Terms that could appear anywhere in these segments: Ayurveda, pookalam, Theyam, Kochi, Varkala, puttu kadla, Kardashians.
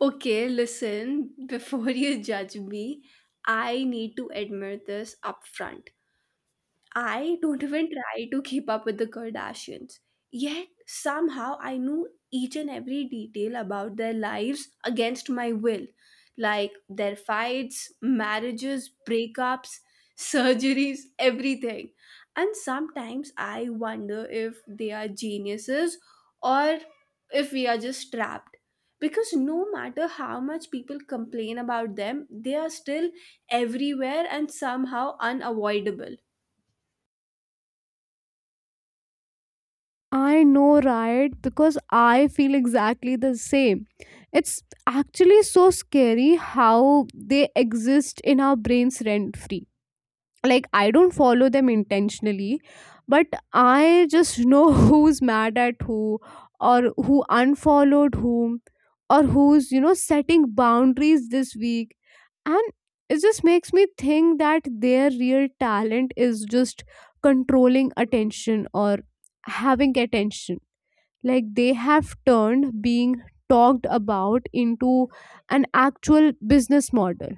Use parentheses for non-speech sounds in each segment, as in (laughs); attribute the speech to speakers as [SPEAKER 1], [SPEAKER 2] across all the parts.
[SPEAKER 1] Okay, listen, (laughs) before you judge me, I need to admit this upfront. I don't even try to keep up with the Kardashians. Yet somehow I knew each and every detail about their lives against my will, like their fights, marriages, breakups, surgeries, everything. And sometimes I wonder if they are geniuses or if we are just trapped. Because no matter how much people complain about them, they are still everywhere and somehow unavoidable.
[SPEAKER 2] I know, right? Because I feel exactly the same. It's actually so scary how they exist in our brains rent free. Like I don't follow them intentionally, but I just know (laughs) who's mad at who, or who unfollowed whom, or who's, you know, setting boundaries this week. And it just makes me think that their real talent is just controlling attention, or having attention. Like they have turned being talked about into an actual business model.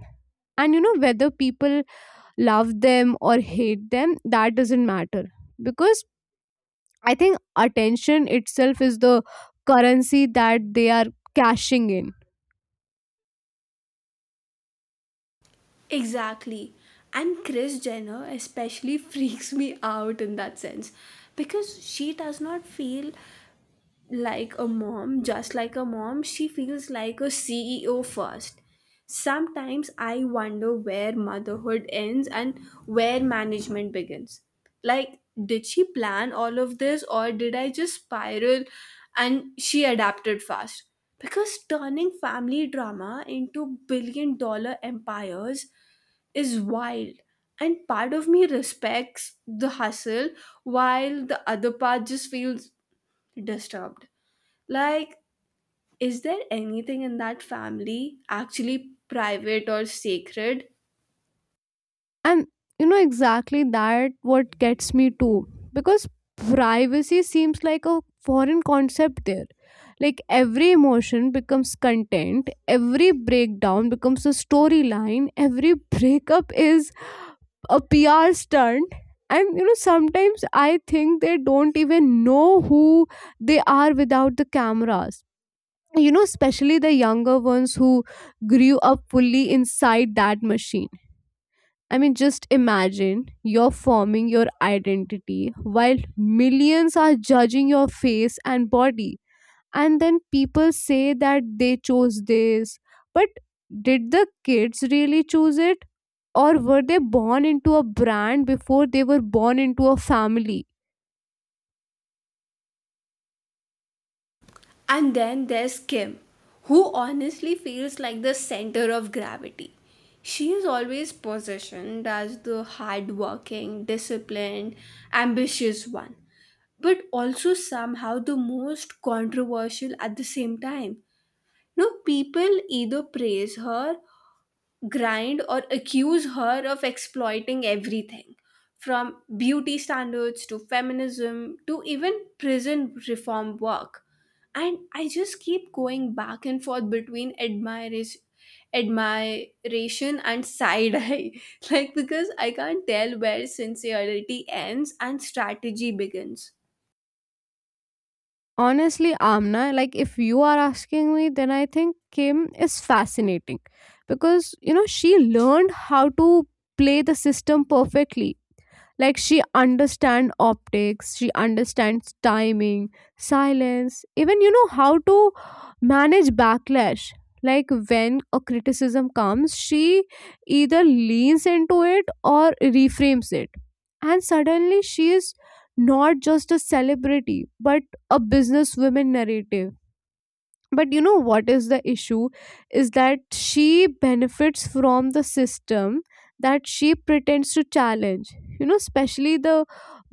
[SPEAKER 2] And, you know, whether people love them or hate them, that doesn't matter, because I think attention itself is the currency that they are cashing in.
[SPEAKER 1] Exactly. And Kris Jenner especially (laughs) freaks me out in that sense because she does not feel like a mom, just like a mom, she feels like a CEO first. Sometimes I wonder where motherhood ends and where management begins. Like, did she plan all of this or did I just spiral and she adapted fast? Because turning family drama into billion-dollar empires is wild and part of me respects the hustle while the other part just feels disturbed, like is there anything in that family actually private or sacred?
[SPEAKER 2] And exactly that what gets me too, because privacy seems like a foreign concept there. Like every emotion becomes content, every breakdown becomes a storyline, every breakup is a PR stunt. And you know, sometimes I think they don't even know who they are without the cameras. You know, especially the younger ones who grew up fully inside that machine. I mean, just imagine you're forming your identity while millions are judging your face and body, and then people say that they chose this, but did the kids really choose it, or were they born into a brand before they were born into a family?
[SPEAKER 1] And then there's Kim, who honestly feels like the center of gravity. She is always positioned as the hardworking, disciplined, ambitious one, but also somehow the most controversial at the same time. No, people either praise her grind or accuse her of exploiting everything from beauty standards to feminism to even prison reform work. And I just keep going back and forth between admiration and side eye. (laughs) Like, because I can't tell where sincerity ends and strategy begins.
[SPEAKER 2] Honestly, Amna, like if you are asking me, then I think Kim is fascinating, because you know she learned how to play the system perfectly. Like she understands optics, she understands timing, silence even, you know, how to manage backlash. Like when a criticism comes, she either leans into it or reframes it, and suddenly she is not just a celebrity, but a businesswoman narrative. But you know what is the issue? Is that she benefits from the system that she pretends to challenge. You know, especially the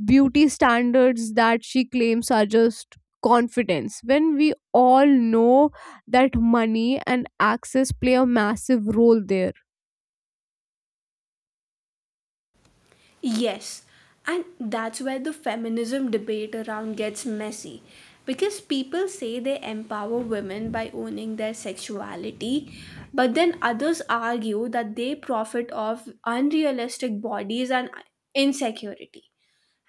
[SPEAKER 2] beauty standards that she claims are just confidence, when we all know that money and access play a massive role there.
[SPEAKER 1] Yes, and that's where the feminism debate around gets messy. Because people say they empower women by owning their sexuality, but then others argue that they profit off unrealistic bodies and insecurity.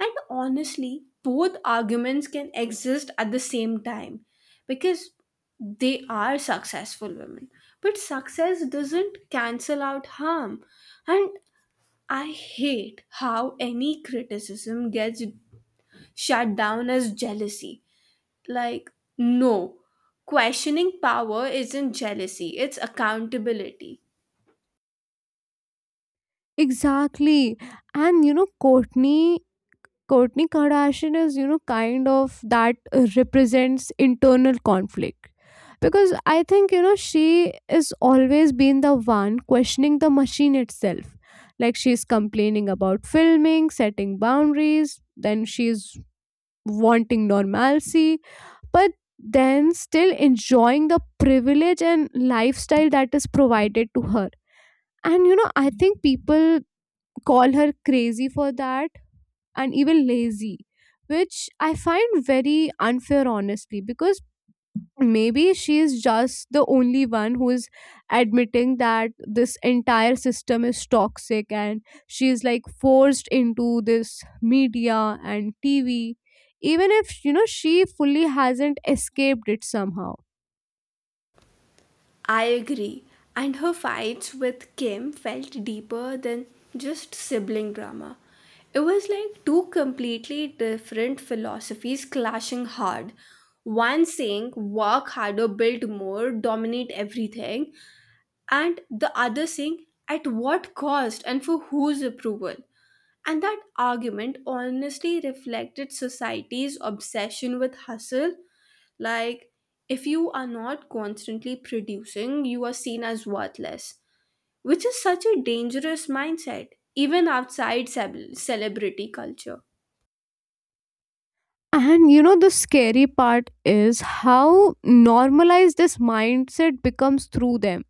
[SPEAKER 1] And honestly, both arguments can exist at the same time because they are successful women. But success doesn't cancel out harm. And I hate how any criticism gets shut down as jealousy. Like, no, questioning power isn't jealousy, it's accountability.
[SPEAKER 2] Exactly. And you know, courtney Kourtney Kardashian is, you know, kind of that represents internal conflict. Because I think, you know, she is always been the one questioning the machine itself. Like she's complaining about filming, setting boundaries, then she's wanting normalcy, but then still enjoying the privilege and lifestyle that is provided to her. And, you know, I think people call her crazy for that, and even lazy, which I find very unfair, honestly, because maybe she is just the only one who is admitting that this entire system is toxic, and she is like forced into this media and TV, even if, you know, she fully hasn't escaped it somehow.
[SPEAKER 1] I agree. And her fights with Kim felt deeper than just sibling drama. It was like two completely different philosophies clashing hard. One saying, work harder, build more, dominate everything, and the other saying at what cost and for whose approval. And that argument honestly reflected society's obsession with hustle. Like, if you are not constantly producing, you are seen as worthless, which is such a dangerous mindset, even outside celebrity culture.
[SPEAKER 2] And you know, the scary part is how normalized this mindset becomes through them.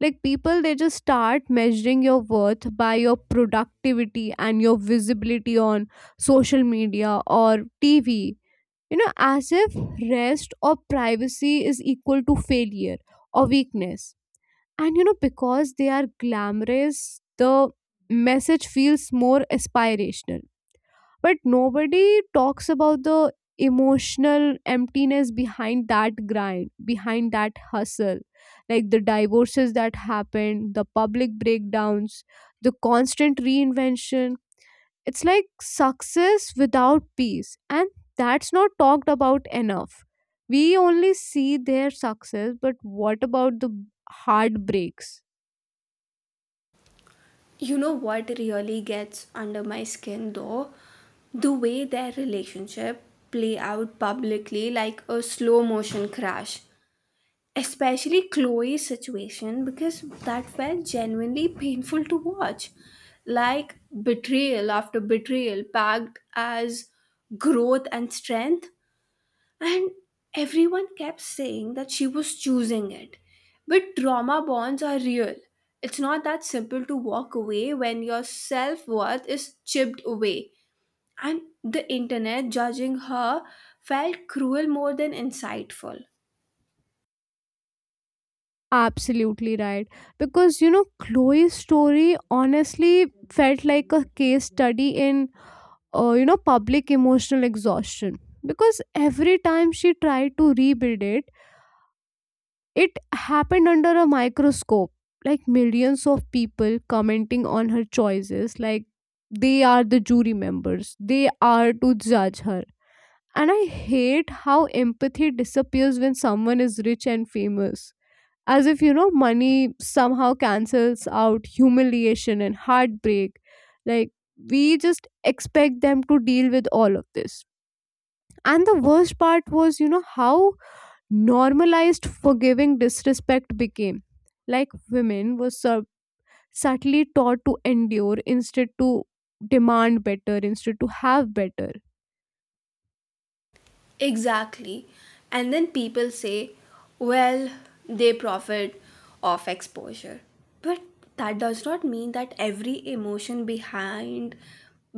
[SPEAKER 2] Like, people, they just start measuring your worth by your productivity and your visibility on social media or TV. You know, as if rest or privacy is equal to failure or weakness. And you know, because they are glamorous, the message feels more aspirational, but nobody talks about the emotional emptiness behind that grind, behind that hustle. Like the divorces that happened, the public breakdowns, the constant reinvention. It's like success without peace, and that's not talked about enough. We only see their success, but what about the heartbreaks?
[SPEAKER 1] You know what really gets under my skin though? The way their relationship play out publicly like a slow motion crash, especially Chloe's situation, because that felt genuinely painful to watch. Like betrayal after betrayal, packed as growth and strength, and everyone kept saying that she was choosing it. But trauma bonds are real. It's not that simple to walk away when your self worth is chipped away. And the internet judging her felt cruel more than insightful.
[SPEAKER 2] Absolutely right. Because, you know, Chloe's story honestly felt like a case study in, you know, public emotional exhaustion. Because every time she tried to rebuild it, it happened under a microscope. Like millions of people commenting on her choices, like they are the jury members, they are to judge her. And I hate how empathy disappears when someone is rich and famous, as if you know money somehow cancels out humiliation and heartbreak. Like we just expect them to deal with all of this. And the worst part was, you know, how normalized forgiving disrespect became. Like women were subtly taught to endure instead, to demand better instead, to have better.
[SPEAKER 1] Exactly. And then people say, well, they profit off exposure. But that does not mean that every emotion behind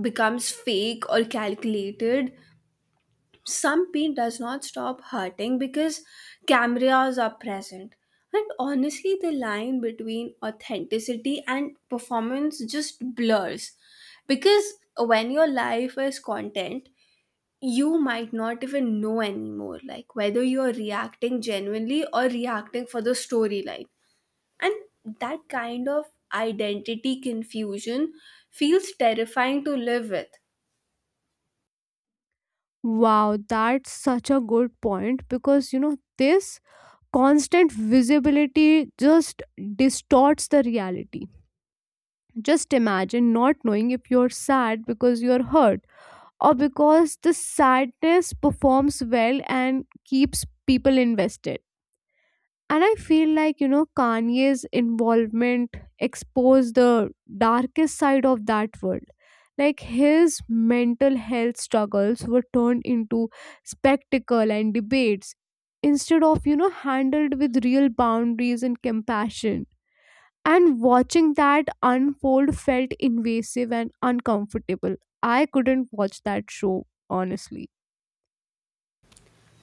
[SPEAKER 1] becomes fake or calculated. Some pain does not stop hurting because cameras are present. And honestly, the line between authenticity and performance just blurs. Because when your life is content, you might not even know anymore like whether you're reacting genuinely or reacting for the storyline, and that kind of identity confusion feels terrifying to live with.
[SPEAKER 2] Wow, that's such a good point, because you know this constant visibility just distorts the reality. Just imagine not knowing if you're sad because you're hurt, or because the sadness performs well and keeps people invested. And I feel like, you know, Kanye's involvement exposed the darkest side of that world. Like his mental health struggles were turned into spectacle and debates instead of, you know, handled with real boundaries and compassion. And watching that unfold felt invasive and uncomfortable. I couldn't watch that show, honestly.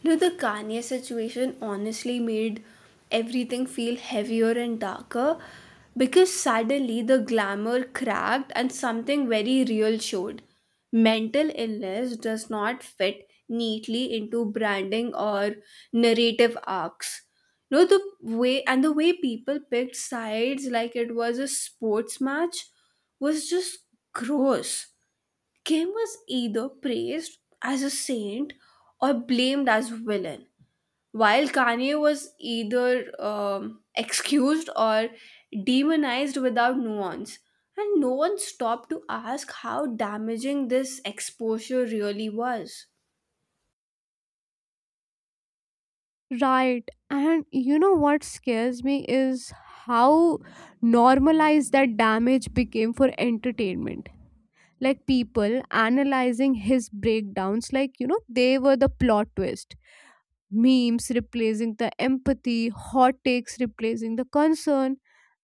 [SPEAKER 1] No, the Kanye situation honestly made everything feel heavier and darker because suddenly the glamour cracked and something very real showed. Mental illness does not fit neatly into branding or narrative arcs. No, the way people picked sides like it was a sports match was just gross. Kim was either praised as a saint or blamed as villain, while Kanye was either excused or demonized without nuance. And no one stopped to ask how damaging this exposure really was.
[SPEAKER 2] Right. And you know what scares me is how normalized that damage became for entertainment. Like people analyzing his breakdowns, like, you know, they were the plot twist. Memes replacing the empathy, hot takes replacing the concern.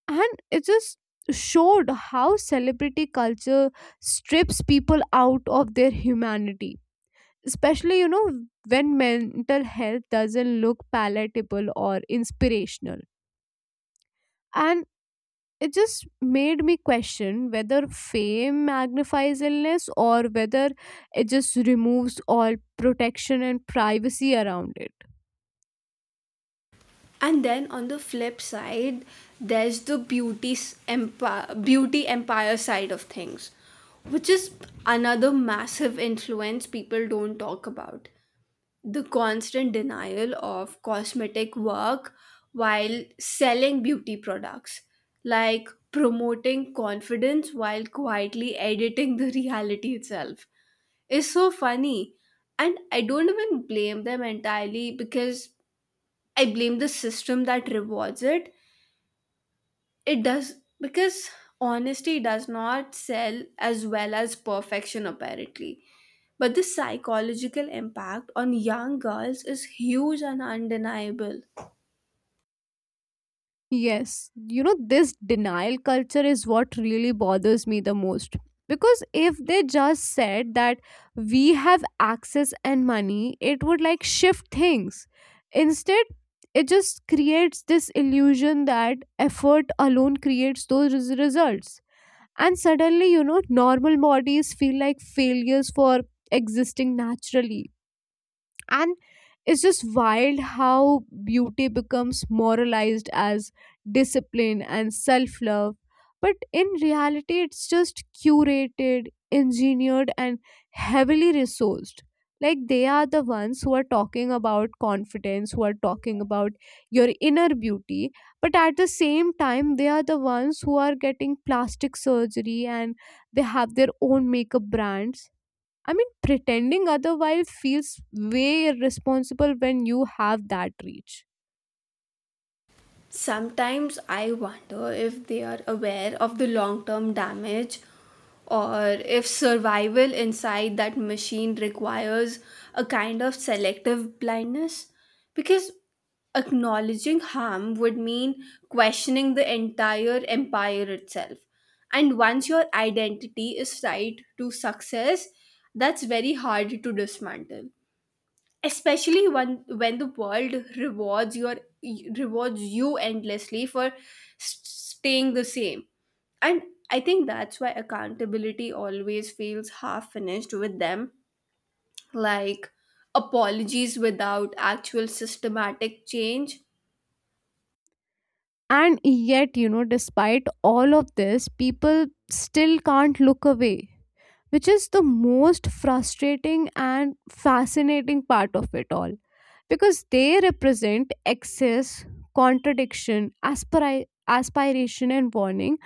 [SPEAKER 2] And it just showed how celebrity culture strips people out of their humanity, especially, you know, when mental health doesn't look palatable or inspirational. And it just made me question whether fame magnifies illness, or whether it just removes all protection and privacy around it.
[SPEAKER 1] And then on the flip side, there's the empire, beauty empire side of things, which is another massive influence people don't talk about. The constant denial of cosmetic work while selling beauty products, like promoting confidence while quietly editing the (laughs) reality itself, is so funny. And I don't even blame them entirely because I blame the system that rewards it. It does, because honesty does not sell as well as perfection, apparently. But the psychological impact on young girls is huge and undeniable.
[SPEAKER 2] Yes, you know, this denial culture is what really bothers me the most. Because if they just said that we have access and money, it would like shift things. Instead, it just creates this illusion that effort alone creates those results. And suddenly, you know, normal bodies feel like failures for existing naturally. And it's just wild how beauty becomes moralized as discipline and self love, but in reality it's just curated, engineered, and heavily resourced. Like they are the ones who are talking about confidence, who are talking about your inner beauty, but at the same time they are the ones who are getting plastic surgery, and they have their own makeup brands. I mean, pretending otherwise feels way irresponsible when you have that reach.
[SPEAKER 1] Sometimes I wonder if they are aware of the long term damage, or if survival inside that machine requires a kind of selective blindness, because acknowledging harm would mean questioning the entire empire itself. And once your identity is tied to success, that's very hard to dismantle, especially when the world rewards you endlessly for staying the same. And I think that's why accountability always feels half finished with them, like apologies without actual systematic change.
[SPEAKER 2] And yet, you know, despite all of this, people still can't look away, which is the most frustrating and fascinating part of it all. Because they represent excess, contradiction, aspiration, and warning,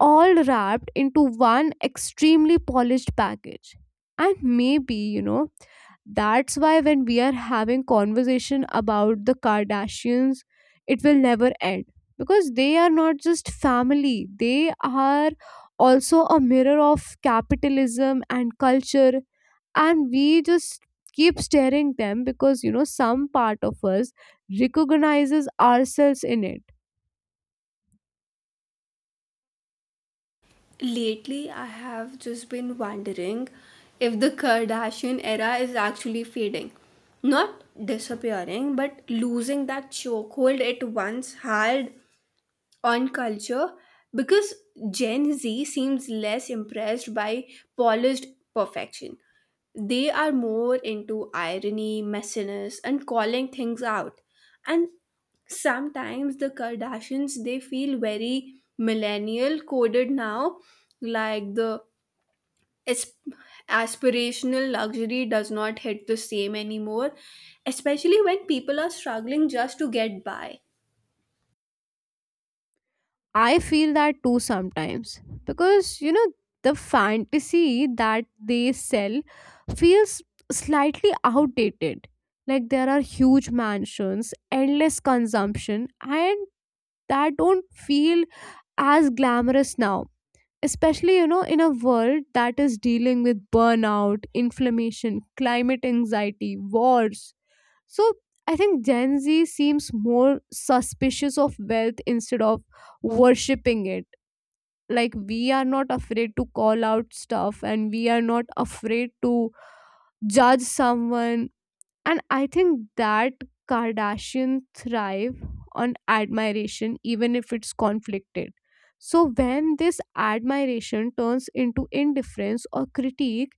[SPEAKER 2] all wrapped into one extremely polished package. And maybe, you know, that's why when we are having conversation about the Kardashians, it will never end, because they are not just family, they are also a mirror of capitalism and culture. And we just keep staring them, because you know some part of us recognizes ourselves in it.
[SPEAKER 1] Lately I have just been wondering if the Kardashian era is actually fading, not disappearing but losing that chokehold it once had on culture, because Gen Z seems less impressed by polished perfection. They are more into irony, messiness, and calling things out. And sometimes the Kardashians, they feel very millennial coded now, like the asp- aspirational luxury does not hit the same anymore, especially when people are struggling just to get by.
[SPEAKER 2] I feel that too sometimes, because you know the fantasy that they sell feels slightly outdated. Like there are huge mansions, endless consumption, and that don't feel as glamorous now. Especially, you know, in a world that is dealing with burnout, inflammation, climate anxiety, wars. So I think Gen Z seems more suspicious of wealth instead of worshipping it. Like we are not afraid to call out stuff, and we are not afraid to judge someone. And I think that Kardashian thrive on admiration, even if it's conflicted. So when this admiration turns into indifference or critique,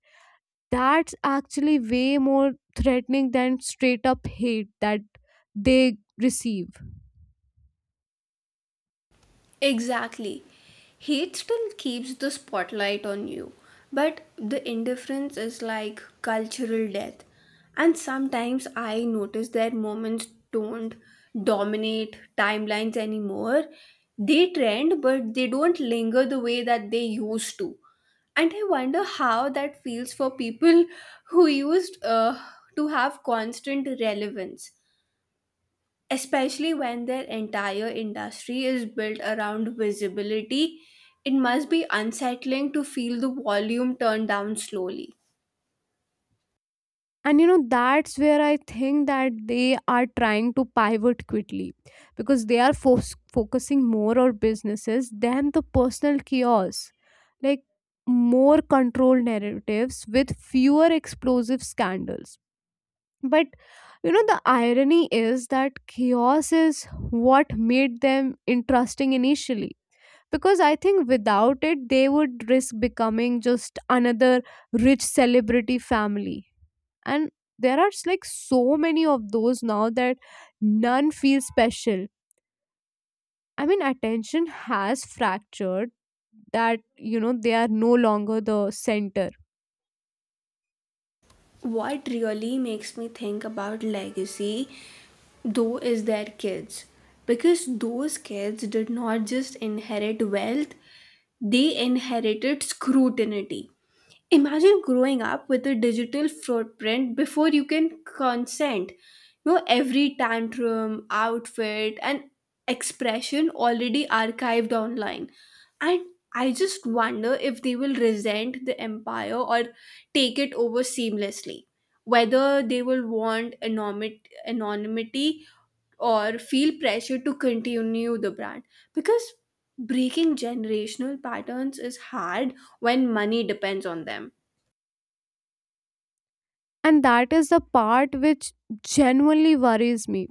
[SPEAKER 2] that's actually way more threatening than straight up hate that they receive.
[SPEAKER 1] Exactly. Hate still keeps the spotlight on you, but the indifference is like cultural death. And sometimes I notice that moments don't dominate timelines anymore. They trend, but they don't linger the way that they used to. And I wonder how that feels for people who used to have constant relevance. Especially when their entire industry is built around visibility, it must be unsettling to feel the volume turn down slowly.
[SPEAKER 2] And you know, that's where I think that they are trying to pivot quickly, because they are focusing more on businesses than the personal chaos. Like more controlled narratives with fewer explosive scandals. But you know, the irony is that chaos is what made them interesting initially. Because I think without it, they would risk becoming just another rich celebrity family. And there are like so many of those now that none feel special. I mean attention has fractured, that you know they are no longer the center.
[SPEAKER 1] What really makes me think about legacy, though, is their kids. Because those kids did not just inherit wealth, they inherited scrutiny. Imagine growing up with a digital footprint before you can consent. You know, every tantrum, outfit, and expression already archived online. And I just wonder if they will resent the empire or take it over seamlessly, whether they will want anonymity or feel pressure to continue the brand, because breaking generational patterns is hard when money depends on them.
[SPEAKER 2] And that is the part which genuinely worries me,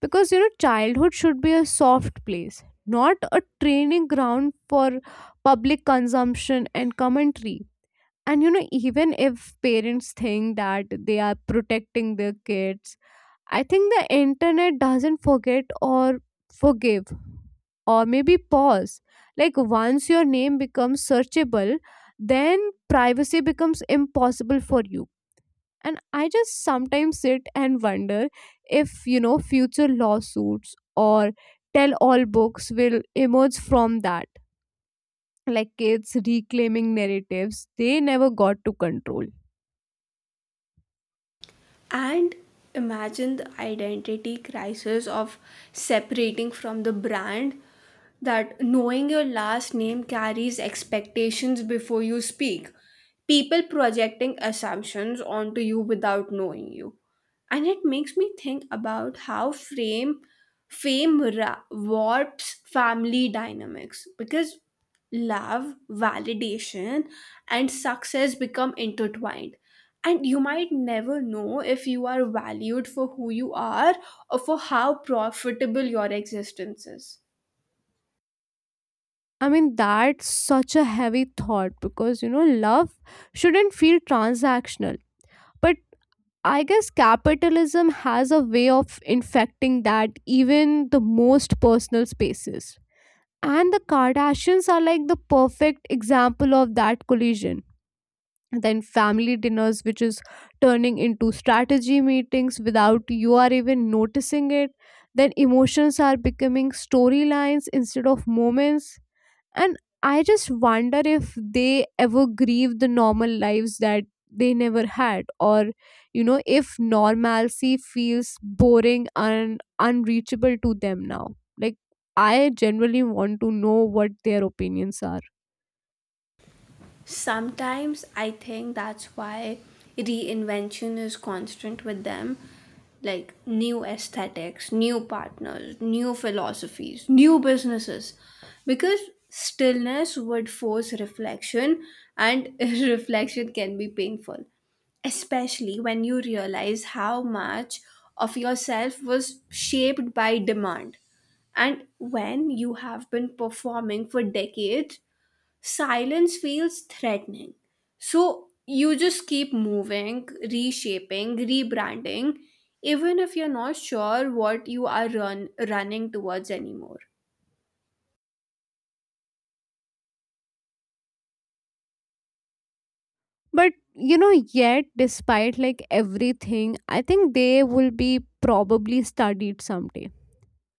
[SPEAKER 2] because you know childhood should be a soft place, not a training ground for public consumption and commentary. And you know, even if parents think that they are protecting their kids, I think the internet doesn't forget or forgive, or maybe pause. Like once your name becomes searchable, then privacy becomes impossible for you. And I just sometimes sit and wonder if, you know, future lawsuits or tell all books will emerge from that. Like kids reclaiming narratives they never got to control.
[SPEAKER 1] And imagine the identity crisis of separating from the brand, that knowing your last name carries expectations before you speak. People projecting assumptions onto you without knowing you. And it makes me think about how warps family dynamics, because love, validation, and success become intertwined, and you might never know if you are valued for who you are or for how profitable your existence is.
[SPEAKER 2] I mean, that's such a heavy thought, because, you know, love shouldn't feel transactional. But I guess capitalism has a way of infecting that, even the most personal spaces. And the Kardashians are like the perfect example of that collision. Then family dinners, which is turning into strategy meetings without you are even noticing it. Then emotions are becoming storylines instead of moments. And I just wonder if they ever grieve the normal lives that they never had, or you know if normalcy feels boring and unreachable to them now. Like I generally want to know what their opinions are.
[SPEAKER 1] Sometimes I think that's why reinvention is constant with them. Like new aesthetics, new partners, new philosophies, new businesses. Because stillness would force reflection, and (laughs) reflection can be painful, especially when you realize how much of yourself was shaped by demand. And when you have been performing for decades, silence feels threatening. So you just keep moving, reshaping, rebranding, even if you're not sure what you are running towards anymore.
[SPEAKER 2] But you know, yet despite like everything, I think they will be probably studied someday.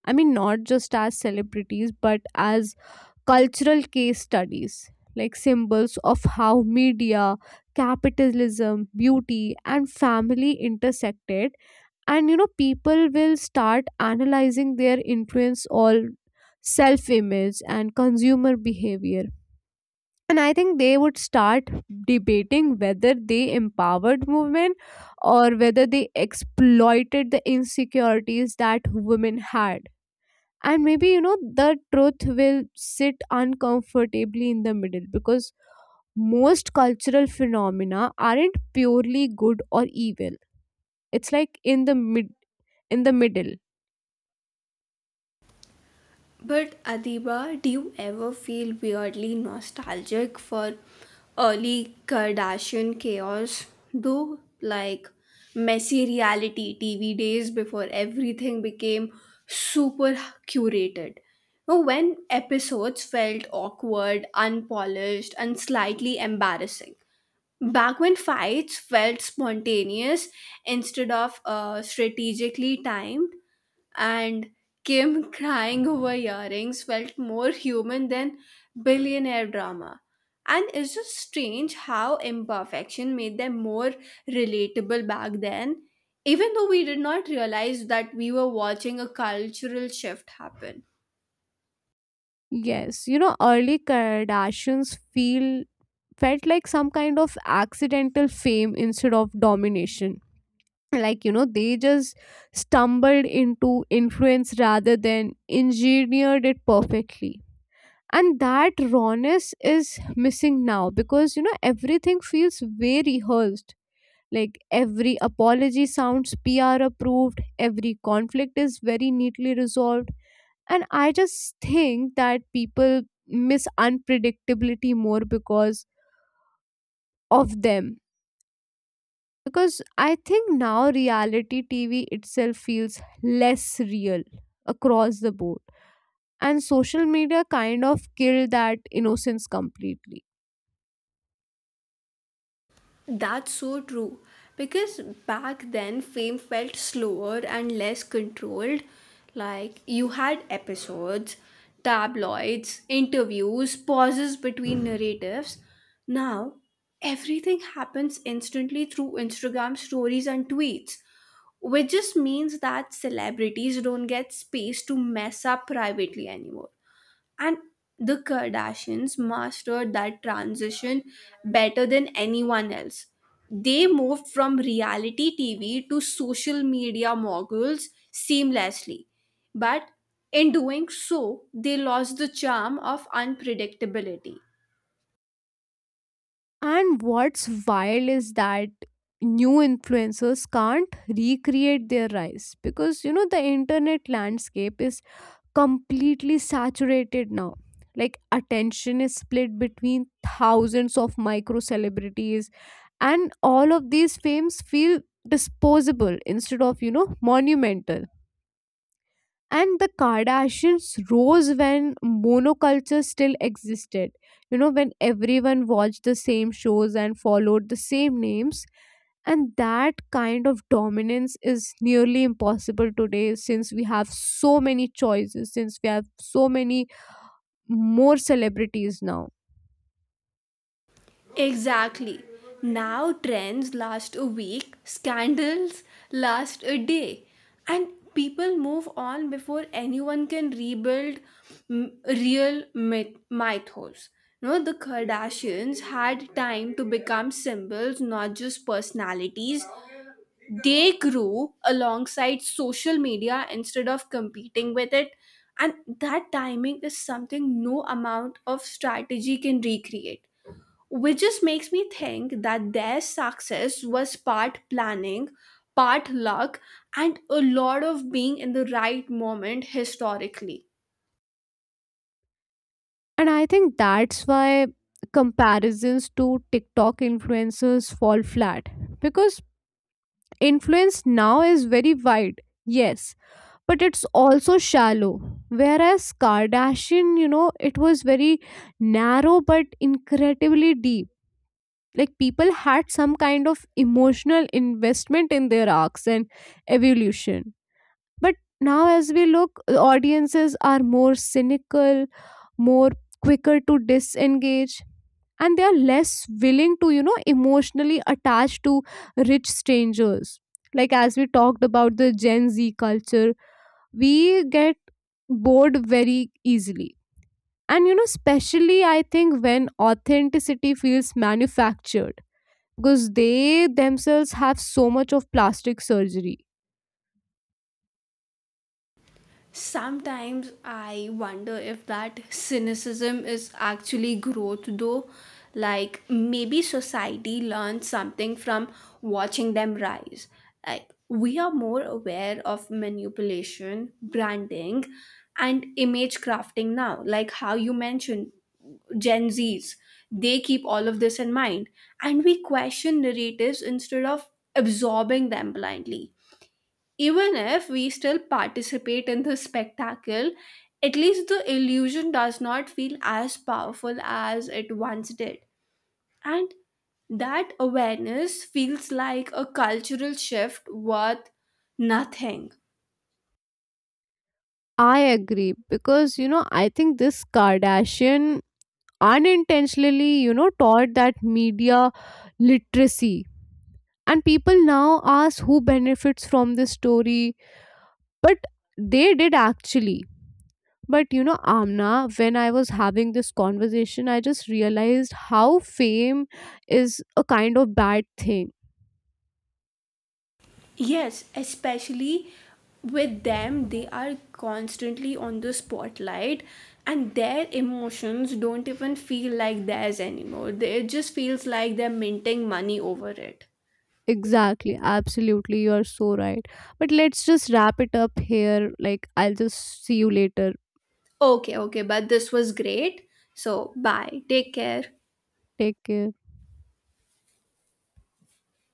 [SPEAKER 2] I mean not just as celebrities, but as cultural case studies. Like symbols of how media, capitalism, beauty, and family intersected. And you know people will start analyzing their influence on self image and consumer behavior. And I think they would start debating whether they empowered movement, or whether they exploited the insecurities that women had. And maybe, you know, the truth will sit uncomfortably in the middle, because most cultural phenomena aren't purely good or evil. It's like in the middle.
[SPEAKER 1] But Adiba, do you ever feel weirdly nostalgic for early Kardashian chaos, though? Like messy reality TV days before everything became super curated. Now, when episodes felt awkward, unpolished, and slightly embarrassing. Back when fights felt spontaneous instead of strategically timed, and Kim crying over earrings felt more human than billionaire drama. And it's just strange how imperfection made them more relatable back then, even though we did not realize that we were watching a cultural shift happen.
[SPEAKER 2] Yes, you know, early Kardashians feel felt like some kind of accidental fame instead of domination. Like, you know, they just stumbled into influence rather than engineered it perfectly. And that rawness is missing now, because you know everything feels way rehearsed. Like every apology sounds PR approved, every conflict is very neatly resolved. And I just think that people miss unpredictability more because of them. Because I think now reality TV itself feels less real across the board. And social media kind of killed that innocence completely.
[SPEAKER 1] That's so true. Because back then, fame felt slower and less controlled. Like, you had episodes, tabloids, interviews, pauses between narratives. Now, everything happens instantly through Instagram stories and tweets, which just means that celebrities don't get space to mess up privately anymore. And the Kardashians mastered that transition better than anyone else. They moved from reality TV to social media moguls seamlessly. But in doing so, they lost the charm of unpredictability.
[SPEAKER 2] And what's wild is that new influencers can't recreate their rise, because you know the internet landscape is completely saturated now. Like attention is split between thousands of micro celebrities, and all of these fames feel disposable instead of, you know, monumental. And the Kardashians rose when monoculture still existed, you know, when everyone watched the same shows and followed the same names. And that kind of dominance is nearly impossible today, since we have so many choices, since we have so many more celebrities now.
[SPEAKER 1] Exactly. Now trends last a week, scandals last a day, and people move on before anyone can rebuild mythos. No, the Kardashians had time to become symbols, not just personalities. They grew alongside social media instead of competing with it. And that timing is something no amount of strategy can recreate, which just makes me think that their success was part planning, part luck, and a lot of being in the right moment historically.
[SPEAKER 2] And I think that's why comparisons to TikTok influencers fall flat, because influence now is very wide, yes, but it's also shallow. Whereas Kardashian, you know, it was very narrow but incredibly deep. Like people had some kind of emotional investment in their arcs and evolution. But now as we look, the audiences are more cynical, more quicker to disengage, and they are less willing to, you know, emotionally attach to rich strangers. Like as we talked about the Gen Z culture, we get bored very easily. And you know, especially I think when authenticity feels manufactured, because they themselves have so much of plastic surgery.
[SPEAKER 1] Sometimes I wonder if that cynicism is actually growth, though. Like maybe society learns something from watching them rise. Like we are more aware of manipulation, branding, and image crafting now. Like how you mentioned, Gen Zs, they keep all of this in mind. And we question narratives instead of absorbing them blindly, even if we still participate in the spectacle, at least the illusion does not feel as powerful as it once did. And that awareness feels like a cultural shift worth nothing.
[SPEAKER 2] I agree, because you know, I think this Kardashian unintentionally, you know, taught that media literacy. And people now ask who benefits from this story, but they did actually. But you know, Amna, when I was having this conversation, I just realized how fame is a kind of bad thing.
[SPEAKER 1] Yes, especially with them, they are constantly on the spotlight and their emotions don't even feel like theirs anymore. It just feels like they're minting money over it.
[SPEAKER 2] Exactly, absolutely, you are so right. But let's just wrap it up here. Like, I'll just see you later.
[SPEAKER 1] Okay, okay, but this was great. So, bye. Take care.
[SPEAKER 2] Take care.